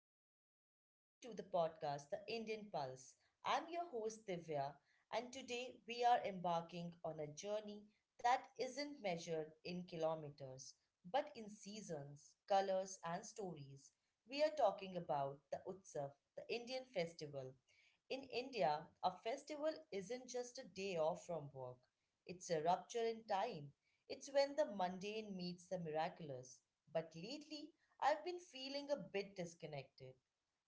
globe. Welcome to the podcast, The Indian Pulse. I'm your host, Divya, and today we are embarking on a journey that isn't measured in kilometers, but in seasons, colors, and stories. We are talking about the Utsav, the Indian festival. In India, a festival isn't just a day off from work, it's a rupture in time. It's when the mundane meets the miraculous. But lately, I've been feeling a bit disconnected.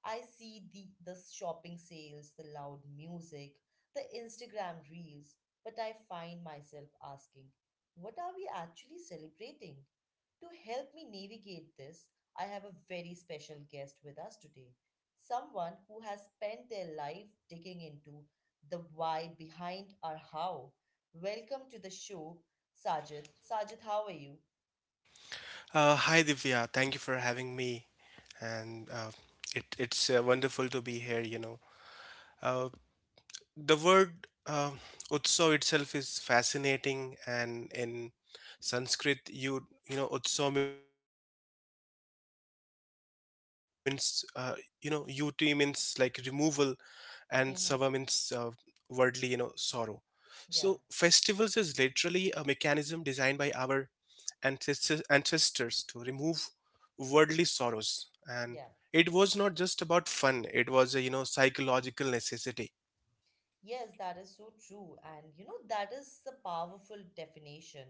I see the shopping sales, the loud music, the Instagram reels, but I find myself asking, what are we actually celebrating? To help me navigate this, I have a very special guest with us today, someone who has spent their life digging into the why behind our how. Welcome to the show, Sajid. Sajid, how are you? Hi Divya, thank you for having me, and it's wonderful to be here. Uh, the word utsav itself is fascinating, and in Sanskrit, you know utsav means you know ut means like removal, and sava means worldly sorrow. So festivals is literally a Yeah, mechanism designed by our ancestors to remove worldly sorrows, and it yeah. was not just about fun, it was a psychological necessity. Yes, that is so true. And you know, that is the powerful definition,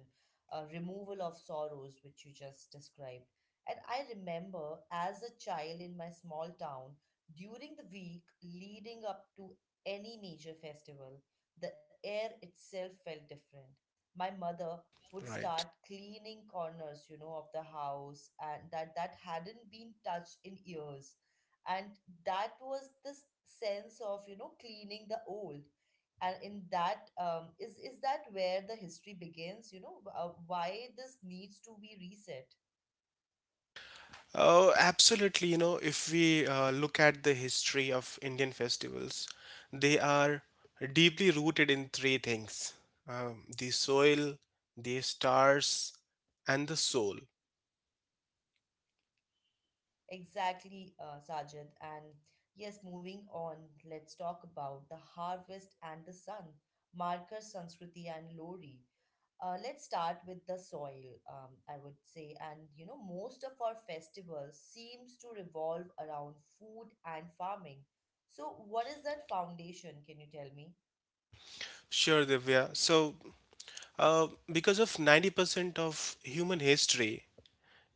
removal of sorrows, which you just described. And I remember as a child in my small town, during the week leading up to any major festival, the air itself felt different. My mother would Right. start cleaning corners, you know, of the house and that hadn't been touched in years, and that was this sense of, you know, cleaning the old. And in that, is that where the history begins, you know? Why this needs to be reset? Oh, absolutely. If we look at the history of Indian festivals, they are deeply rooted in three things: the soil, the stars, and the soul. Exactly, Sajid. And yes, moving on, let's talk about the harvest and the sun, Markar, Sanskriti, and Lori. Let's start with the soil, I would say. And you know, most of our festivals seems to revolve around food and farming. So what is that foundation? Can you tell me? Sure, Divya. So because of 90% of human history,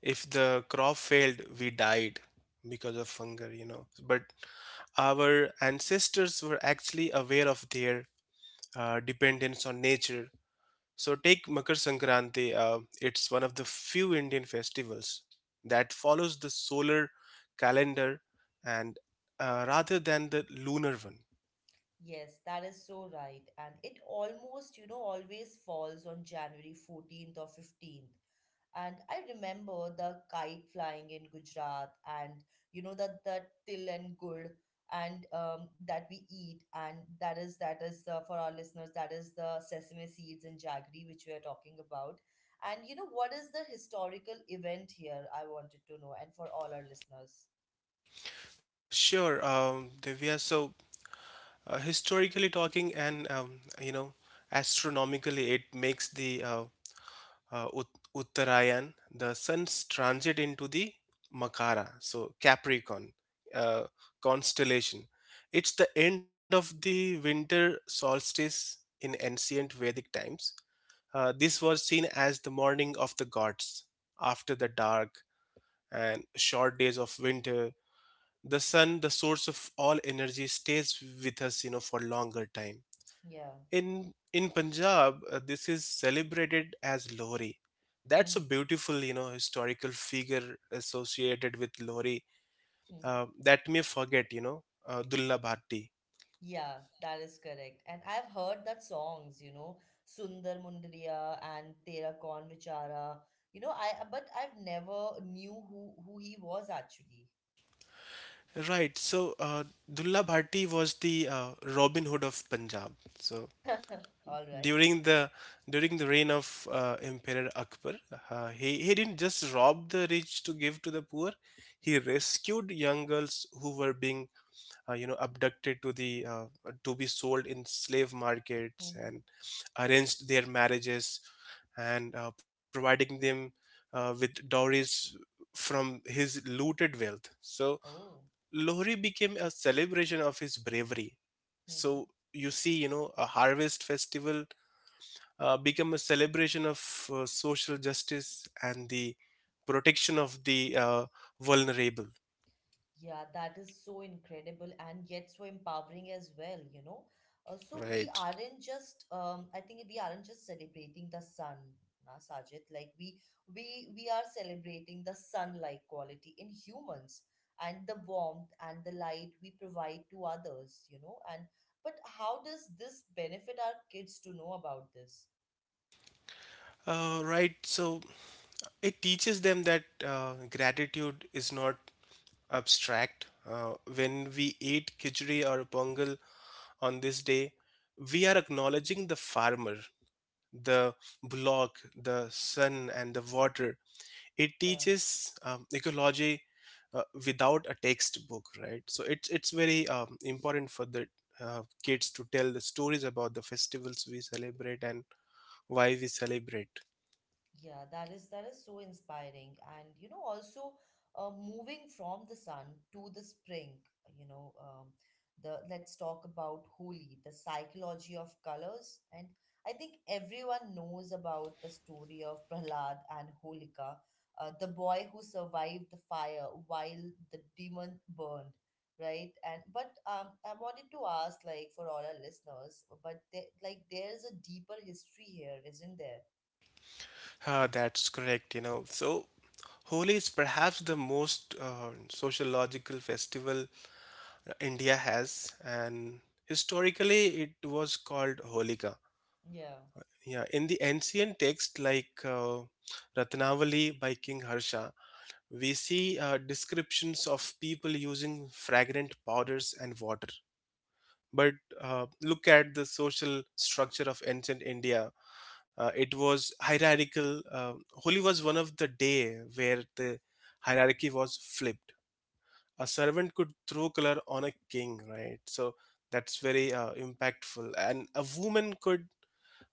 if the crop failed we died because of hunger, but our ancestors were actually aware of their dependence on nature. So, take Makar Sankranti, it's one of the few Indian festivals that follows the solar calendar, and rather than the lunar one. Yes, that is so right. And it almost, you know, always falls on January 14th or 15th. And I remember the kite flying in Gujarat, and you know, that the till and good and that we eat, and that is for our listeners, that is the sesame seeds and jaggery which we are talking about. And you know, what is the historical event here? I wanted to know, and for all our listeners. Sure, Divya. So, historically talking, and astronomically, it makes the Uttarayan, the sun's transit into the Makara, so Capricorn uh, constellation. It's the end of the winter solstice in ancient Vedic times. This was seen as the morning of the gods. After the dark and short days of winter, the sun, the source of all energy, stays with us, for longer time Yeah. in Punjab. This is celebrated as Lohri. That's a beautiful, historical figure associated with Lohri, that may forget, Dulla Bhatti. Yeah, that is correct. And I've heard that songs, you know, Sundar Mundriya and Tera Kaun Vichara. You know, I but I've never knew who he was actually. Right. So Dulla Bhatti was the Robin Hood of Punjab. So All right. during the during the reign of Emperor Akbar, he didn't just rob the rich to give to the poor. He rescued young girls who were being abducted to the to be sold in slave markets, Mm-hmm. and arranged their marriages, and providing them with dowries from his looted wealth. So Oh. Lohri became a celebration of his bravery. So Mm-hmm. you see, a harvest festival become a celebration of social justice and the protection of the uh, vulnerable. Yeah, that is so incredible and yet so empowering as well, you know. So we Right. aren't just, I think we aren't just celebrating the sun, na Sajid. Like we are celebrating the sun-like quality in humans and the warmth and the light we provide to others, you know. And but how does this benefit our kids to know about this? Right. So it teaches them that gratitude is not abstract. When we eat khichdi or pongal on this day, we are acknowledging the farmer, the block, the sun, and the water. It Yeah. teaches ecology without a textbook, right? So it's very important for the kids to tell the stories about the festivals we celebrate and why we celebrate. Yeah, that is so inspiring. And you know, also moving from the sun to the spring, you know, the let's talk about Holi, the psychology of colors. And I think everyone knows about the story of Prahlad and Holika, the boy who survived the fire while the demon burned, right? And but I wanted to ask, like, for all our listeners, but there, like, there's a deeper history here, isn't there? Ah, that's correct. You know, so Holi is perhaps the most sociological festival India has, and historically it was called Holika. Yeah. Yeah, in the ancient text like Ratnavali by King Harsha, we see descriptions of people using fragrant powders and water. But look at the social structure of ancient India. It was hierarchical. Holi was one of the day where the hierarchy was flipped. A servant could throw color on a king, right? So that's very impactful. And a woman could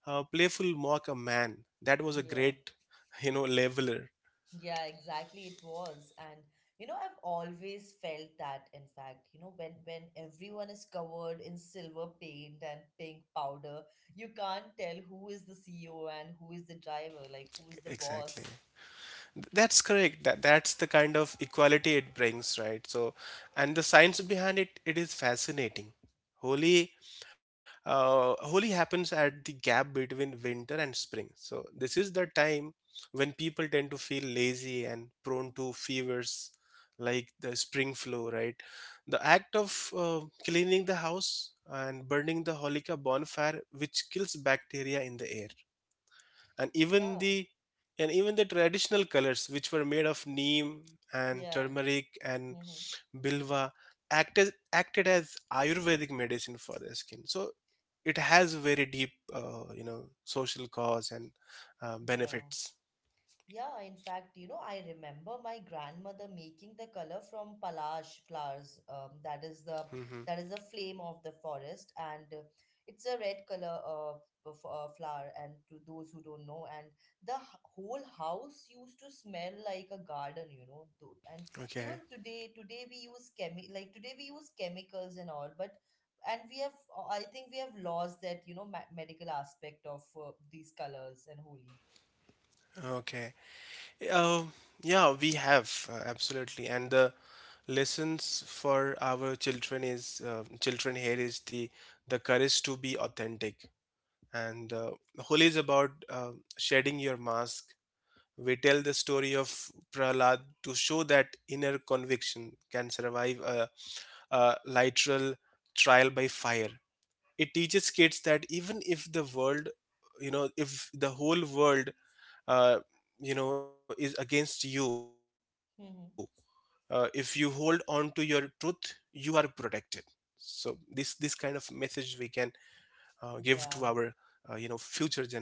playful mock a man. That was a Yeah, great, you know, leveler. yeah, exactly. It was. And you know, I've always felt that, in fact, you know, when everyone is covered in silver paint and pink powder, you can't tell who is the CEO and who is the driver, like who is the Exactly. boss. That's correct. That's the kind of equality it brings, right? So, and the science behind it, it is fascinating. Holi Holi happens at the gap between winter and spring. So, this is the time when people tend to feel lazy and prone to fevers like the spring flu, right? The act of cleaning the house and burning the holika bonfire, which kills bacteria in the air, and Yeah, even the and even the traditional colors, which were made of neem and yeah. turmeric and Mm-hmm. bilva, acted as ayurvedic medicine for the skin. So it has very deep, social cause and Yeah. benefits. Yeah, in fact, you know, I remember my grandmother making the color from palash flowers. That is the hmm that is the flame of the forest, and it's a red color of flower. And to those who don't know, and the whole house used to smell like a garden, you know. Dude. And even okay, today, today we use chemi like today we use chemicals and all, but and we have, I think we have lost that, you know, ma medical aspect of these colors and holy. okay. Uh. Yeah, we have, absolutely. And the lessons for our children is, children here is the courage to be authentic, and holy is about shedding your mask. We tell the story of Prahlad to show that inner conviction can survive a literal trial by fire. It teaches kids that even if the world, if the whole world, uh, is against you, if you Hmm. hold on to your truth, you are protected. So this kind of message we can give to our Yeah. Future generation.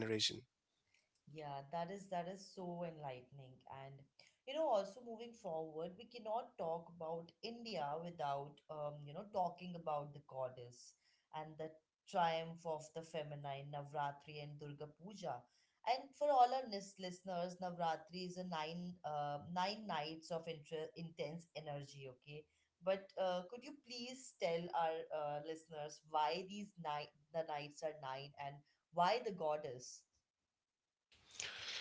Yeah, that is so enlightening. And you know, also moving forward, we cannot talk about India without, you know, talking about the goddess and the triumph of the feminine, Navratri and Durga Puja. And for all our listeners, Navratri is a nine nights of intense energy, okay? But could you please tell our listeners why the nights are nine, and why the goddess?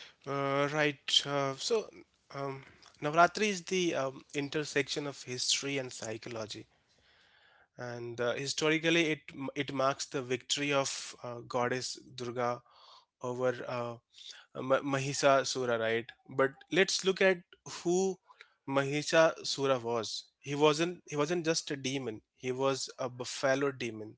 Right. So, um, Navratri is the intersection of history and psychology, and historically, it marks the victory of goddess Durga over Mahisasura, right? But let's look at who Mahisasura was. He wasn't just a demon. He was a buffalo demon.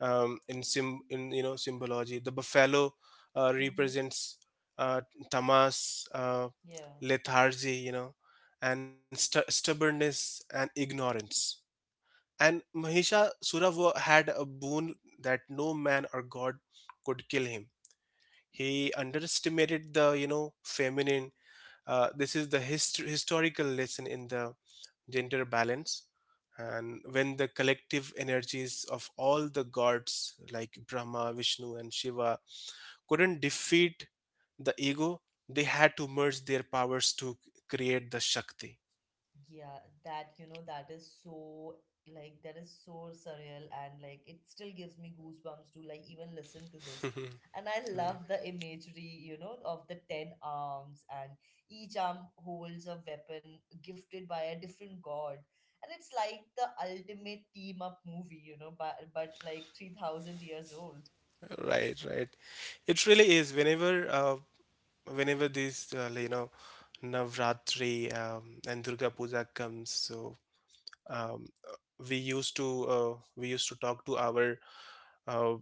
In symbology, the buffalo represents uh, tamas, Yeah, lethargy, and stubbornness and ignorance. And Mahishasura had a boon that no man or god could kill him. He underestimated the feminine. This is the historical lesson in the gender balance, and when the collective energies of all the gods like Brahma, Vishnu, and Shiva couldn't defeat the ego, they had to merge their powers to create the Shakti. yeah, that, you know, that is so, like that is so surreal, and like it still gives me goosebumps to like even listen to this. right, And I love the imagery, you know, of the 10 arms, and each arm holds a weapon gifted by a different god. And it's like the ultimate team up movie, you know, but like 3,000 years old. Right. It really is. Whenever this, Navratri and Durga Puja comes, so um, we used to talk to our uh,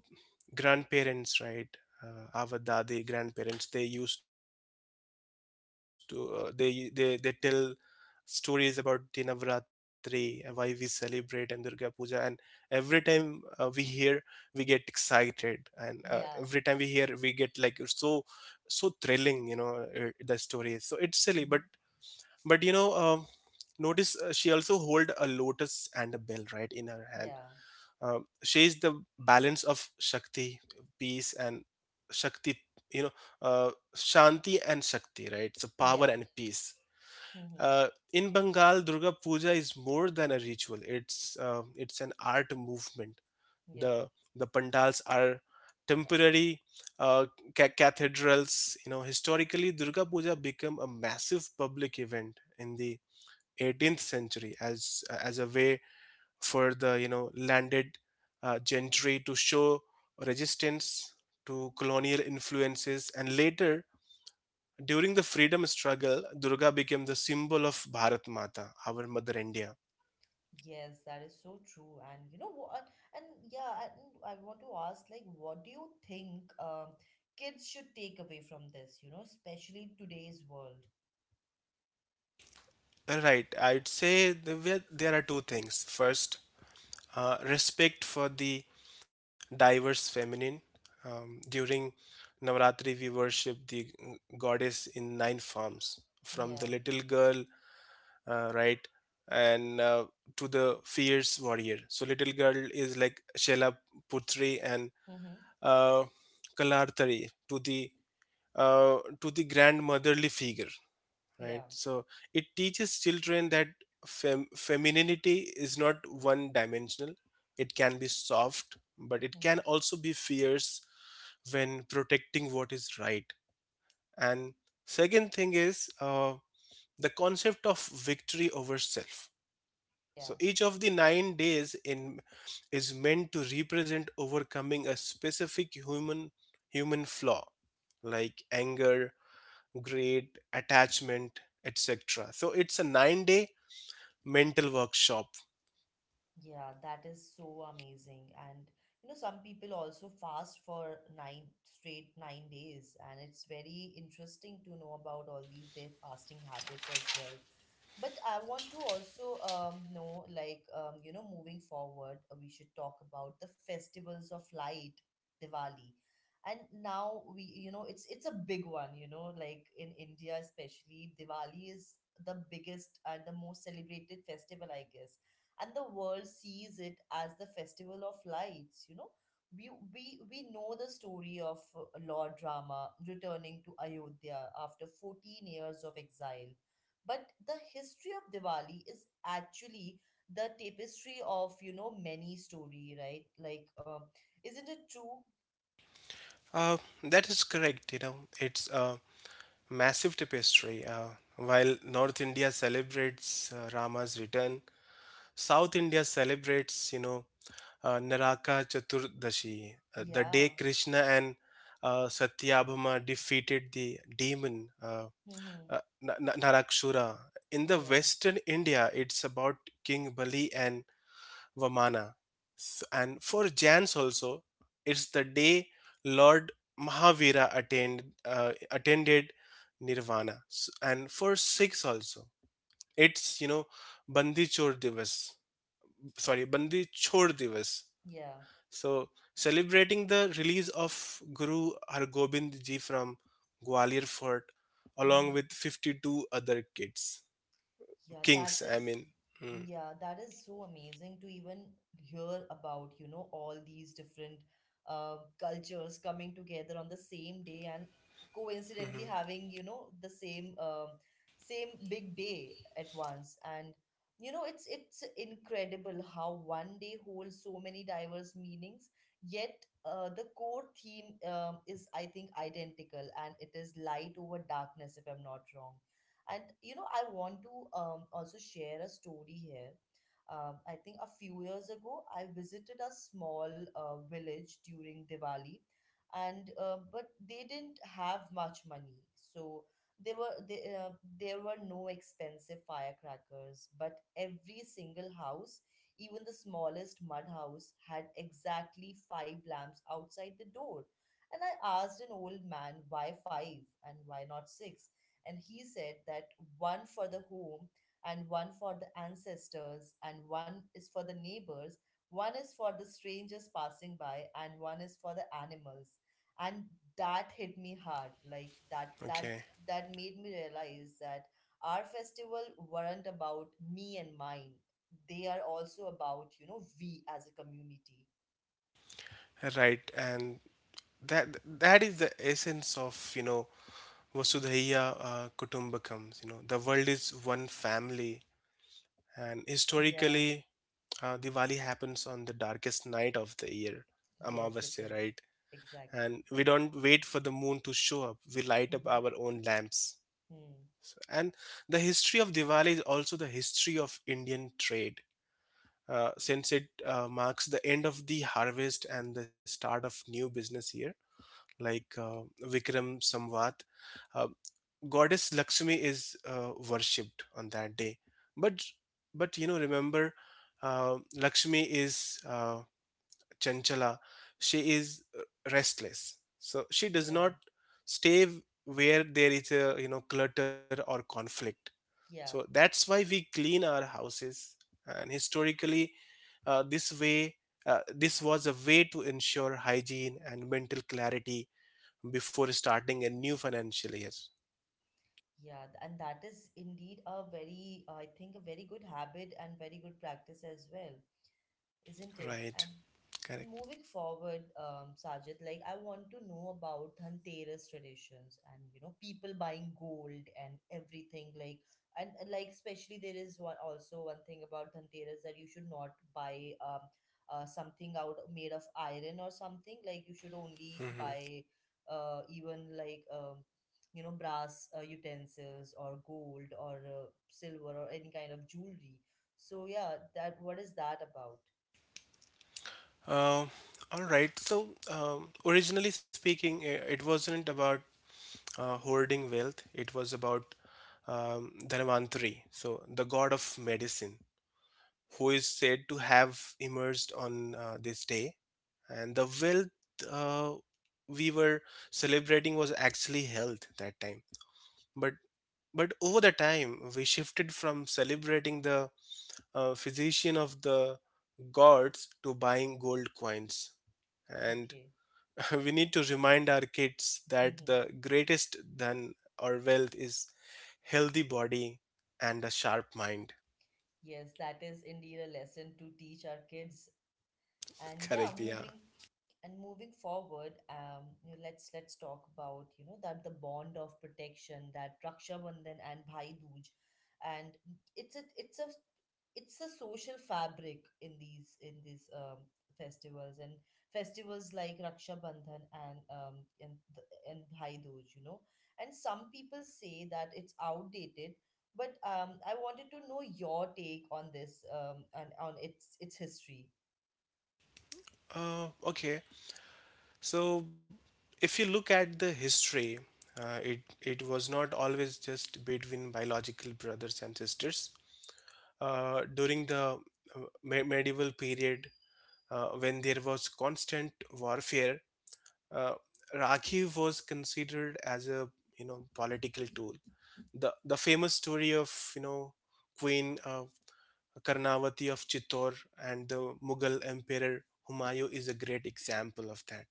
grandparents, right? Our dadi grandparents, they used to they tell stories about the Navratri and why we celebrate, and Durga Puja. And every time we hear we get excited, and every time we hear we Yeah. get like so so thrilling, the story. So it's silly, but Hmm. but you know um notice, she also hold a lotus and a bell right in her hand. Yeah. uh, she is the balance of shakti peace and Shakti, you know, Shanti and Shakti, right? So power Yeah. and peace. Hmm. In Bengal, Durga Puja is more than a ritual. It's an art movement. Yeah. The the pandals are temporary uh, cathedrals. You know, historically, Durga Puja became a massive public event in the 18th century as a way for the landed gentry to show resistance to colonial influences, and later during the freedom struggle, Durga became the symbol of Bharat Mata, our Mother India. Yes, that is so true. And you know what? And yeah, and I want to ask, like, what do you think kids should take away from this, you know, especially today's world? Right. I'd say there are two things. First, respect for the diverse feminine. During Navaratri, we worship the goddess in nine forms, from the Yeah. little girl right, and to the fierce warrior. So little girl is like Shalaputri and Mm-hmm. uh, Kalarthari, to the to the grandmotherly figure, right? Yeah. So it teaches children that femininity is not one dimensional. It can be soft, but it can Mm-hmm. also be fierce when protecting what is right. And second thing is the concept of victory over self. So Yeah. each of the 9 days in is meant to represent overcoming a specific human flaw, like anger, greed, attachment, etc. So it's a 9-day mental workshop. Yeah, that is so amazing. And you know, some people also fast for nine days, and it's very interesting to know about all these their fasting habits as well. But I want to also, know, like, you know, moving forward, we should talk about the festivals of light, Diwali. And now we, you know, it's a big one, you know, like in India especially, Diwali is the biggest and the most celebrated festival, I guess, and the world sees it as the festival of lights, you know. We know the story of Lord Rama returning to Ayodhya after 14 years of exile, but the history of Diwali is actually the tapestry of, you know, many story, right? Isn't it true? Uh, that is correct. You know, it's a massive tapestry. While North India celebrates Rama's return, South India celebrates, you know, Naraka Chaturdashi, the Yeah. day Krishna and Satyabhama defeated the demon, Mm-hmm. Narakshura. In the Yeah, Western India, it's about King Bali and Vamana. And for Jans also, it's the day Lord Mahavira attended Nirvana. And for Sikhs also, it's, you know, Bandi Chor Divas. Bandi Chor Divas, yeah. so celebrating the release of Guru Hargobind Ji from Gwalior Fort, along Mm-hmm. with 52 other Yeah, that kings, I is, mean. Mm, yeah, that is so amazing to even hear about, you know, all these different cultures coming together on the same day and mhm. coincidentally having, you know, the same, same big day at once. And you know, it's incredible how one day holds so many diverse meanings, yet, the core theme, is, I think, identical, and it is light over darkness, if I'm not wrong. And you know, I want to, also share a story here. I think a few years ago, I visited a small village during Diwali, and but they didn't have much money, so there were they, uh, there were no expensive firecrackers. But every single house, even the smallest mud house, had exactly five lamps outside the door. And I asked an old man why five and why not six, and he said that one for the home, and one for the ancestors, and one is for the neighbors, one is for the strangers passing by, and one is for the animals. And that hit me hard, like that that Okay. that made me realize that our festival weren't about me and mine, they are also about, you know, we as a community. Right, and that is the essence of Vasudhaiya Kutumbakam. You know, the world is one family, and Yeah. historically, Diwali happens on the darkest night of the year, Yes it Amavasya, is, right? And exactly. we don't wait for the moon to show up, we light up Mm-hmm. our own lamps. Hmm. And the history of Diwali is also the history of Indian trade, since it marks the end of the harvest and the start of new business year, like Vikram Samvat. uh, Goddess Lakshmi is worshipped on that day. But remember, Lakshmi is Chanchala. She is restless. So she does Yeah. not stay where there is a clutter or conflict. So Yeah. that's why we clean our houses. And historically, uh, this way, this was a way to ensure hygiene and mental clarity before starting a new financial year. Yeah, and that is indeed a very, I think, a very good habit and very good practice as well, isn't it? Right. Correct. And moving forward, Sajid, like I want to know about Dhanteras traditions, and you know, people buying gold and everything. Like like especially, there is one, also one thing about Dhanteras that you should not buy, something out made of iron or something. Like you should only hmm buy, even like, you know, brass, utensils or gold or, silver, or any kind of jewelry. So yeah, that what is that about? Uh, all right. So, originally speaking, it wasn't about hoarding wealth. It was about Dhanvantari, so the god of medicine, who is said to have emerged on this day. And the wealth, we were celebrating was actually health that time. But but over the time, we shifted from celebrating the physician of the gods to buying gold coins. And Okay. we need to remind our kids that Hmm. the greatest than our wealth is healthy body and a sharp mind. Yes, that is indeed a lesson to teach our kids. and yeah Correct, yeah. moving and moving forward, you know, let's talk about, you know, that the bond of protection, that Raksha Bandhan and Bhai Dooj. And it's a it's a it's a social fabric in these, festivals and festivals like Raksha Bandhan and, and Bhai Dooj, you know. And some people say that it's outdated, but, I wanted to know your take on this, and on its history. Uh, okay, so if you look at the history, it was not always just between biological brothers and sisters, during the medieval period, when there was constant warfare. uh, Rakhi was considered as a, you know, political tool. The famous story of, you know, Queen Karnavati of Chittor and the Mughal Emperor Humayun is a great example of that.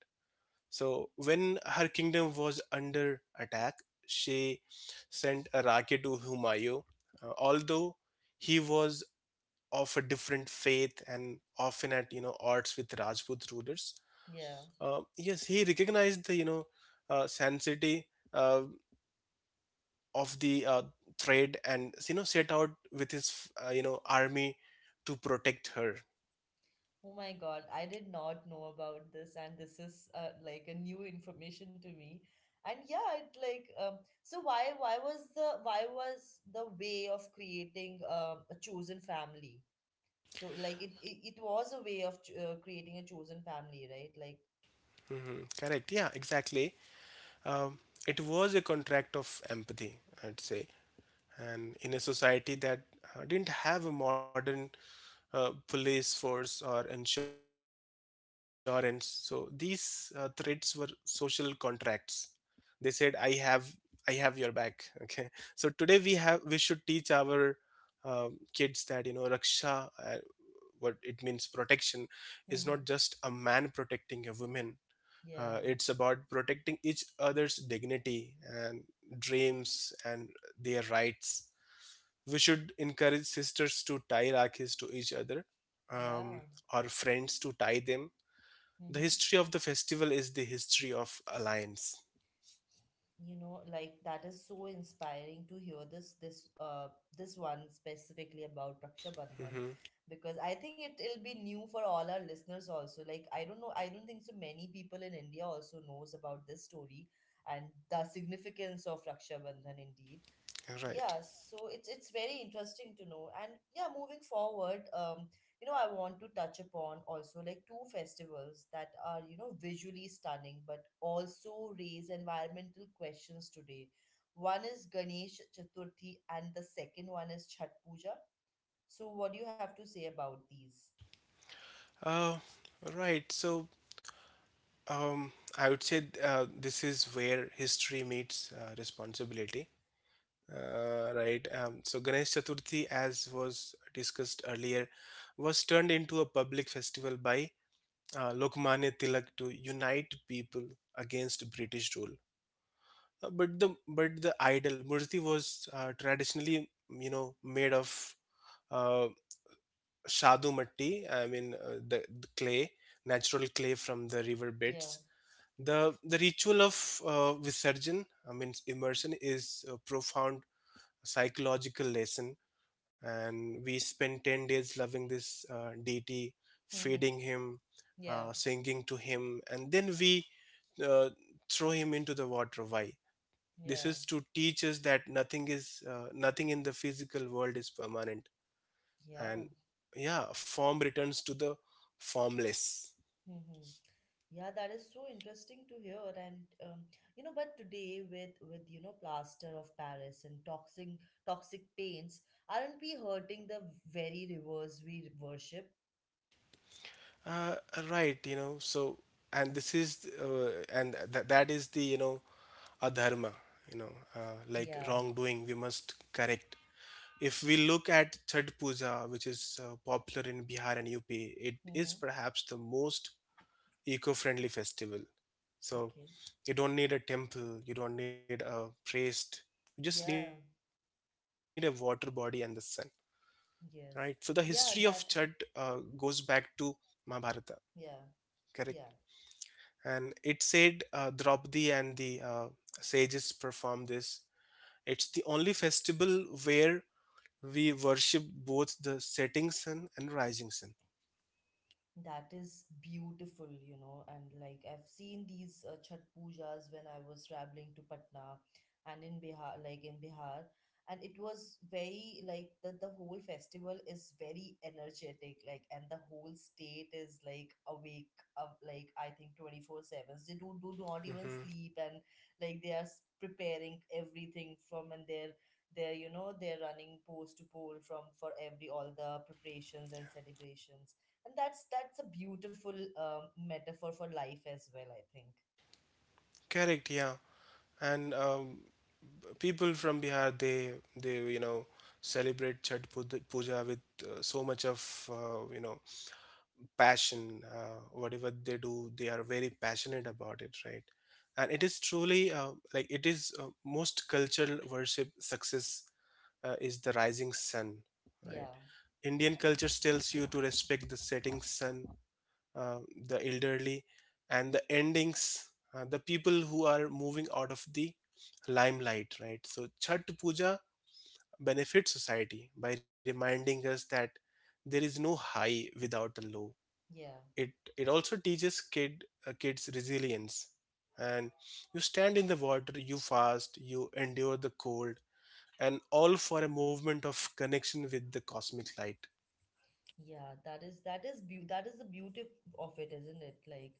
So when her kingdom was under attack, she sent a rocket to Humayun. Although he was of a different faith and often at, you know, odds with Rajput rulers, Yeah. Yes, he recognized the, you know, sanctity uh, of the trade and, you know, set out with his, you know, army to protect her. Oh my God, I did not know about this, and this is, like a new information to me. And yeah, it like, so why was the, why was the way of creating, a chosen family? So like it was a way of, creating a chosen family, right? Like, Hmm. Correct. Yeah. Exactly. Um, it was a contract of empathy, I'd say, and in a society that didn't have a modern police force or insurance, so these threats were social contracts. They said, I have your back. Okay, so today we have, we should teach our uh, kids that, you know, raksha, uh, what it means, protection is not mm-hmm. just a man protecting a woman. Uh, Yeah, it's about protecting each other's dignity and dreams and their rights. We should encourage sisters to tie rakhis to each other, um, yeah. or friends to tie them. The Mm-hmm. history of the festival is the history of alliance. Like that is so inspiring to hear this this one specifically about Raksha Bandhan, Mhm. because I think it will be new for all our listeners also. Like I don't know, I don't think so many people in India also knows about this story and the significance of Raksha Bandhan indeed. Okay, right. Yeah, so it's very interesting to know. And yeah, moving forward, you know, I want to touch upon also like two festivals that are, you know, visually stunning but also raise environmental questions today. One is Ganesh Chaturthi and the second one is Chhat Puja. So what do you have to say about these? Uh, right. So um, I would say this is where history meets responsibility. Right. So Ganesh Chaturthi, as was discussed earlier, was turned into a public festival by Lokmanya Tilak to unite people against British rule. But the idol Murthy was traditionally, you know, made of uh, shadu matti, I mean the clay, natural clay from the river Yeah. beds. The ritual of visarjan, I mean immersion, is a profound psychological lesson, and we spend 10 days loving this deity, Mm-hmm. feeding him, Yeah. Singing to him, and then we uh, throw him into the water. Why? This Yeah. is to teach us that nothing is nothing in the physical world is permanent, Yeah. and yeah, form returns to the formless. Mm-hmm. Yeah, that is so interesting to hear. And um, you know, but today with with plaster of Paris and toxic paints, aren't we hurting the very rivers we worship? Uh, right, you know, so, and this is that is the, you know, adharma, you know, like Yeah. wrongdoing we must correct. If we look at Chhath Puja, which is popular in Bihar and UP, it is Mm-hmm. perhaps the most eco-friendly festival. So Okay. you don't need a temple, you don't need a priest, you just need a Yeah. water body and the sun. Right? So the history of Yes. Chud Yeah. That. goes back to Mahabharata, Yeah. correct? Yeah. And it said Draupadi and the sages perform this. It's the only festival where we worship both the setting sun and rising sun. That is beautiful, you know, and like I've seen these Chhat pujas when I was traveling to Patna and in Bihar, like in Bihar, and it was very like that the whole festival is very energetic, like, and the whole state is like awake of like I think 24 sevens. They do not even Hmm. sleep, and like they are preparing everything from, and they're you know they're running post to pole from for every all the preparations and celebrations, and that's a beautiful metaphor for life as well, I think. Correct, yeah. And people from Bihar, they you know celebrate Chhat Puja with so much of, you know, passion. Whatever they do, they are very passionate about it, right? And it is truly like, it is most cultural worship success. Is the rising sun, right? Yeah. Indian culture tells you to respect the setting sun, uh, the elderly and the endings, the people who are moving out of the limelight, right? So chhat puja benefits society by reminding us that there is no high without a low. Yeah. It it also teaches kids resilience. And you stand in the water, you fast, you endure the cold, and all for a movement of connection with the cosmic light. Yeah, that is that is the beauty of it, isn't it? Like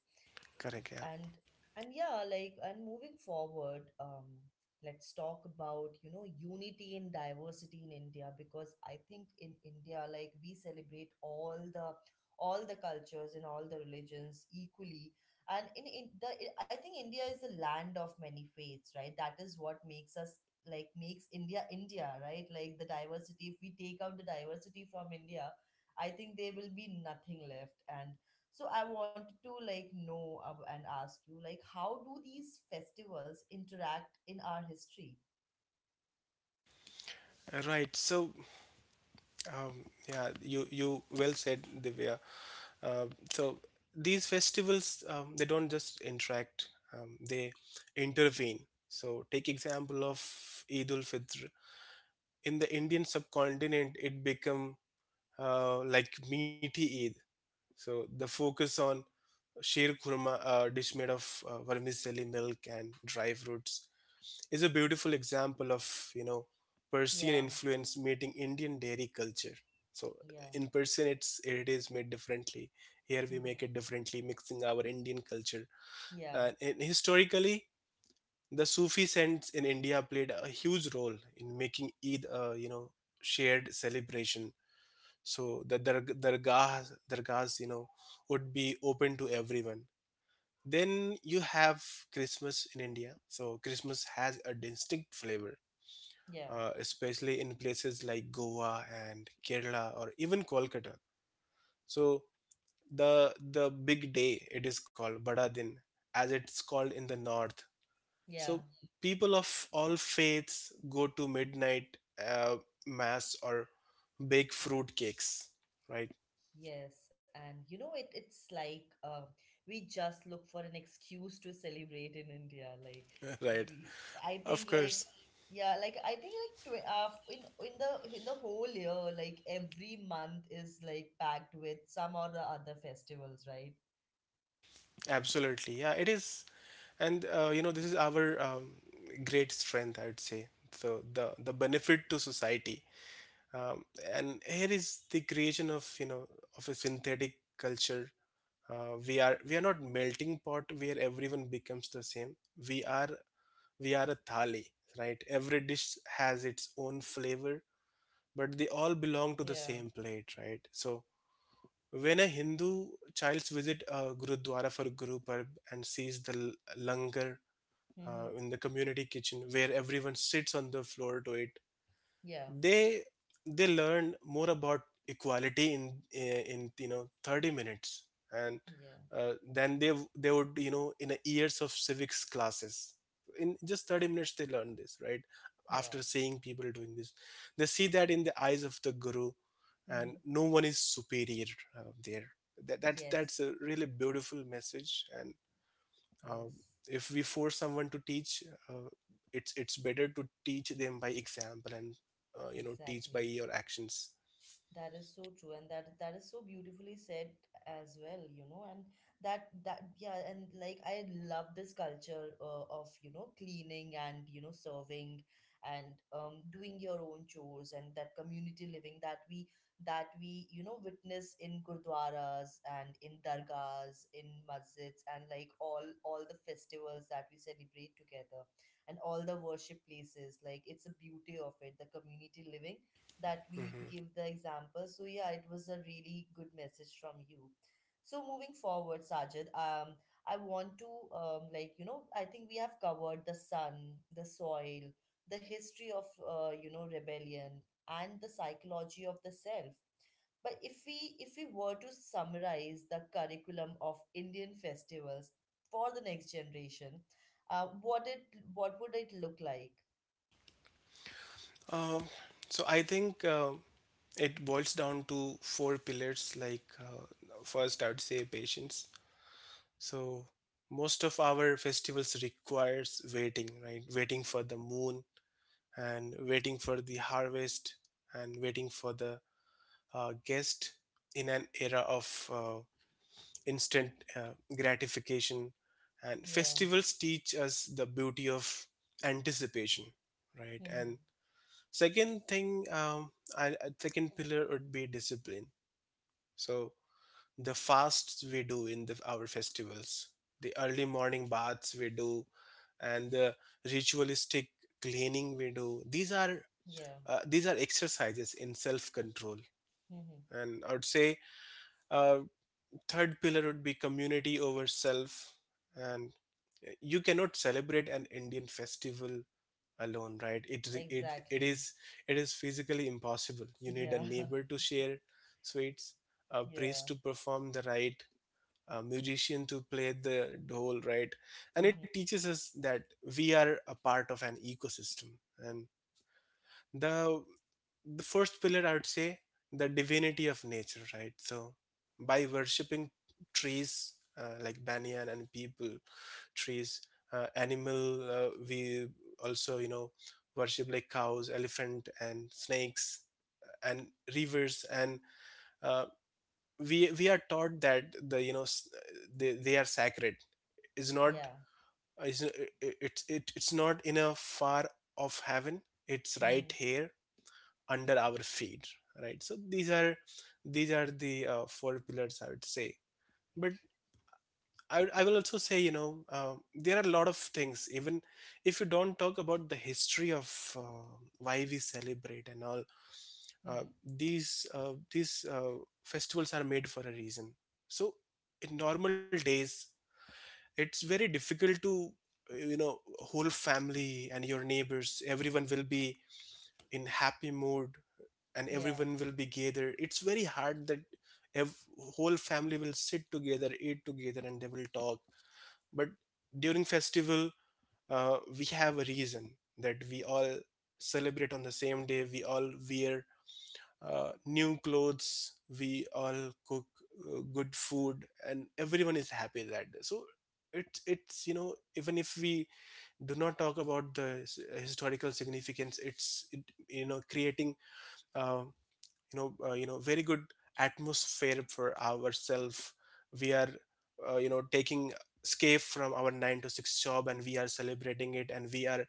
Correct, yeah. and and yeah, like and moving forward, let's talk about, you know, unity and diversity in India, because I think in India, like we celebrate all the cultures and all the religions equally. And in the, I think India is a land of many faiths, right? That is what makes us, like makes India India, right? Like the diversity. If we take out the diversity from India, I think there will be nothing left. And so I wanted to like and ask you, like, how do these festivals interact in our history? Right, so um, yeah, you well said, Divya. Uh, so these festivals, they don't just interact, they intervene. So, take example of eid ul fitr. In the Indian subcontinent, it become like meaty Eid. So the focus on sheer kurma, a dish made of vermicelli milk and dry fruits, is a beautiful example of, you know, Persian Yeah, influence meeting Indian dairy culture. So yeah, in Persian, it is made differently. Here we mhm, make it differently, mixing our Indian culture. yeah, And historically, the Sufi saints in India played a huge role in making Eid a, you know, shared celebration. So the dargahs, you know, would be open to everyone. Then you have christmas in india. So christmas has a distinct flavor, yeah, especially in places like goa and kerala, or even kolkata. So the big day, it is called bada din, as it's hmm. called in the north. So Yeah. people of all faiths go to midnight uh, mass or bake fruit cakes, right? Yes, and you know it. It's like we just look for an excuse to celebrate in India. Like Right. we, I Of think like course, yeah, like I think like tw in in the whole year, like every month is like packed with some or the other festivals, right? absolutely. Yeah, it is. And, you know, this is our great strength, I would say. So the benefit to society. Um, and here is the creation of, you know, of a synthetic culture. We are, we are not melting pot where everyone becomes the same. We are we are a thali, right? Every dish has its own flavor, but they all belong to the Yeah. same plate, right? So when a Hindu child visits a Gurudwara for Guru Parv and sees the langar in the community kitchen where everyone sits on the floor to eat, Yeah, they they learned more about equality in you know 30 minutes, and yeah, then they would, you know, in a years of civics classes, in just 30 minutes they learn this, right? yeah. After seeing people doing this, they see that in the eyes of the guru, and Hmm. no one is superior. There that, that That's Yes, a really beautiful message. And uh, yes, if we force someone to teach, uh, it's better to teach them by example, and you know, teach by exactly. your actions. That is so true, and that is so beautifully said as well, you know, and that yeah, and like I love this culture of you know cleaning and you know serving and doing your own chores and that community living that we, that we you know witness in gurdwaras and in dargahs, in masjids, and like all the festivals that we celebrate together, and all the worship places. Like it's the beauty of it, the community living that Hmm. we give the example. So yeah, it was a really good message from you. So moving forward, Sajid, I want to like you know, I think we have covered the sun, the soil, the history of you know, rebellion, and the psychology of the self. But if we were to summarize the curriculum of Indian festivals for the next generation, what it, what would it look like? Um, so I think it boils down to four pillars. Like, first, I would say patience. So most of our festivals requires waiting, right? Waiting for the moon, and waiting for the harvest, and waiting for the guest, in an era of uh, instant gratification. And Yeah. festivals teach us the beauty of anticipation, right? Mm-hmm. And second thing, um, second pillar would be discipline. So the fasts we do in our festivals, the early morning baths we do, and the ritualistic cleaning we do, Yeah. These are exercises in self control. Mm-hmm. And I would say uh, third pillar would be community over self. And you cannot celebrate an indian festival alone, right? It Exactly. is, it is physically impossible. You need a Yeah. neighbor to share sweets, a Yeah. priest to perform the rite, a musician to play the dhol, right? And Hmm. it teaches us that we are a part of an ecosystem. And the the first pillar, I would say, the divinity of nature, right? So by worshipping trees, like banyan and people trees, animal we also, you know, worship like cows, elephant and snakes, and rivers, and uh, we are taught that, the you know, they are sacred is Yeah. not, is it, it it's not in a far off heaven, it's right Hmm. here under our feet, right? So these are, these are the four pillars, I would say. But I will also say, you know, there are a lot of things. Even if you don't talk about the history of uh, why we celebrate and all, Hmm. These festivals are made for a reason. So in normal days, it's very difficult to, you know, whole family and your neighbors, everyone will be in happy mood and Yeah. everyone will be gathered. It's very hard that ev- whole family will sit together, eat together, and they will talk. But during festival, we have a reason that we all celebrate on the same day, we all wear new clothes, we all cook good food, and everyone is happy that day. So it's, you know, even if we do not talk about the historical significance, it's it, you know, creating, uh, you know, very good atmosphere for ourselves. We are you know, taking escape from our 9 to 6 job, and we are celebrating it, and we are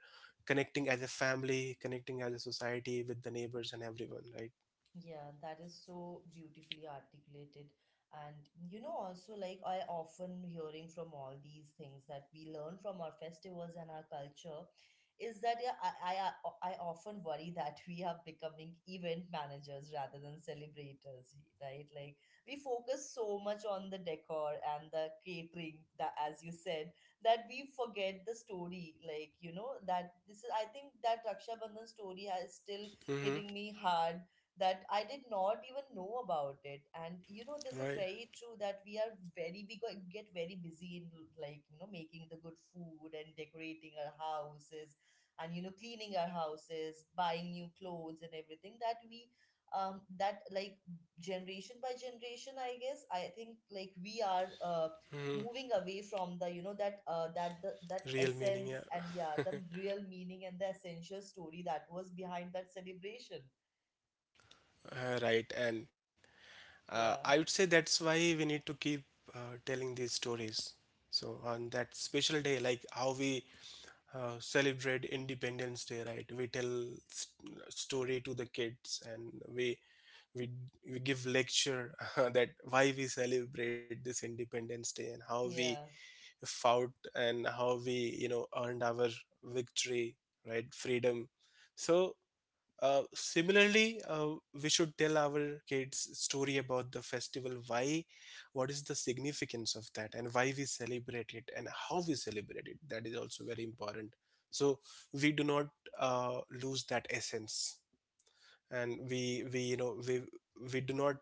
connecting as a family, connecting as a society, with the neighbors and everyone, right? Yeah, that is so beautifully articulated. And you know, also like I often hearing from all these things that we learn from our festivals and our culture is that yeah, I often worry that we are becoming event managers rather than celebrators, right? Like we focus so much on the decor and the catering that, as you said, that we forget the story. Like you know that this is, I think that Raksha Bandhan story has still Mm-hmm. hitting me hard, that I did not even know about it. And you know, this is Right. very true that we are very get very busy in like you know making the good food and decorating our houses, and you know cleaning our houses, buying new clothes and everything that we that like generation by generation, I guess, I think like we are Mm-hmm. moving away from the you know that that that Real meaning, essence yeah. and yeah the real meaning and the essential story that was behind that celebration. Right, and Yeah. I would say that's why we need to keep telling these stories. So on that special day, like how we celebrate Independence Day, right? We tell story to the kids, and we, we we give lecture that why we celebrate this Independence Day, and how we Yeah, fought, and how we, you know, earned our victory, right? Freedom. So similarly, we should tell our kids story about the festival. Why, what is the significance of that, and why we celebrate it, and how we celebrate it. That is also very important. So we do not lose that essence, and we you know we do not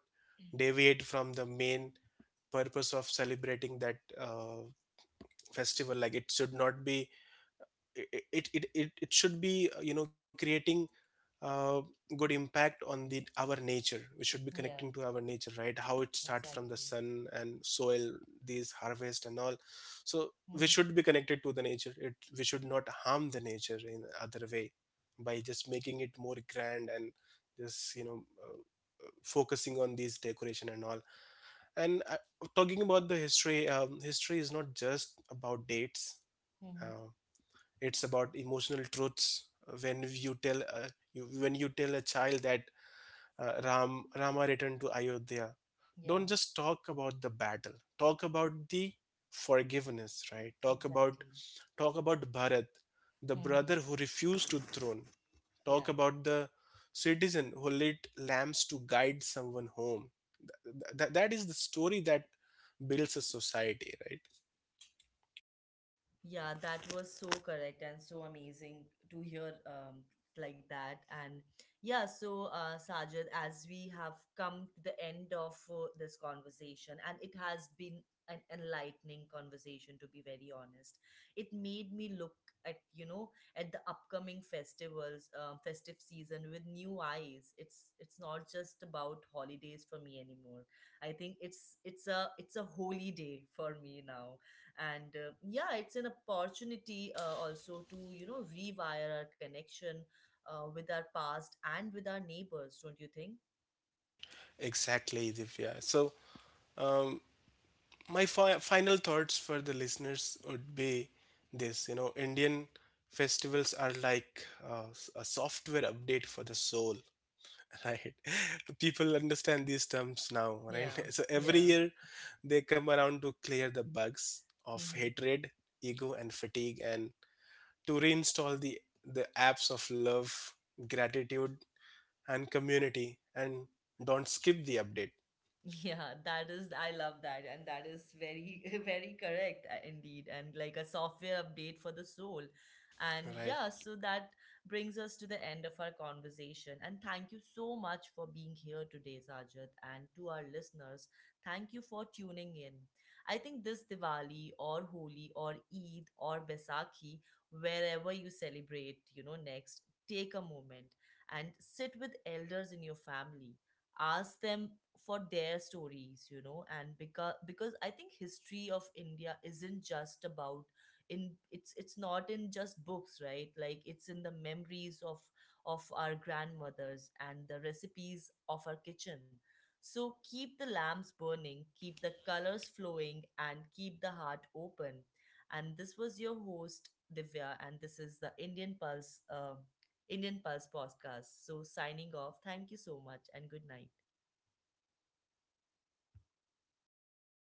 deviate from the main purpose of celebrating that festival. Like, it should not be, it should be you know, creating uh, good impact on the our nature. We should be connecting yeah, to our nature, right? How it starts from the exactly. sun and soil, these harvest and all. So we should Mm-hmm, be connected to the nature. It, we should not harm the nature in other way by just making it more grand and just, you know, focusing on these decoration and all. And talking about the history, history is not just about dates. mm-hmm, Uh, it's about emotional truths. When you tell, when you tell a child that rama returned to ayodhya, yeah, don't just talk about the battle, talk about the forgiveness, right? Talk about, exactly. talk about bharat, the Mm-hmm, brother who refused to throne. yeah. Talk about the citizen who lit lamps to guide someone home. That is the story that builds a society, right? Yeah, that was so correct and so amazing to hear like that. And yeah, so Sajid, as we have come to the end of this conversation, and it has been an enlightening conversation, to be very honest. It made me look at you know at the upcoming festivals, festive season with new eyes. It's not just about holidays for me anymore. I think it's a holy day for me now, and yeah, it's an opportunity also to you know rewire our connection with our past and with our neighbors, don't you think? Exactly, Divya. So, um, my final thoughts for the listeners would be this, you know, Indian festivals are like a software update for the soul. Right? People understand these terms now, right? Yeah, So every yeah. year they come around to clear the bugs of hatred, ego and fatigue, and to reinstall the apps of love, gratitude and community. And don't skip the update. Yeah, that is, I love that. And that is very, very correct indeed. And like a software update for the soul. And yeah, Right. so that brings us to the end of our conversation. And thank you so much for being here today, Sajid. And to our listeners, thank you for tuning in. I think this Diwali or Holi or Eid or Baisakhi, wherever you celebrate, you know, next, take a moment and sit with elders in your family, ask them for their stories, you know. And because I think history of India isn't just about, in it's not in just books, right? Like it's in the memories of our grandmothers and the recipes of our kitchen. So keep the lamps burning, keep the colors flowing, and keep the heart open. And this was your host, Divya, and this is the Indian Pulse, Indian Pulse podcast. So signing off, thank you so much, and good night.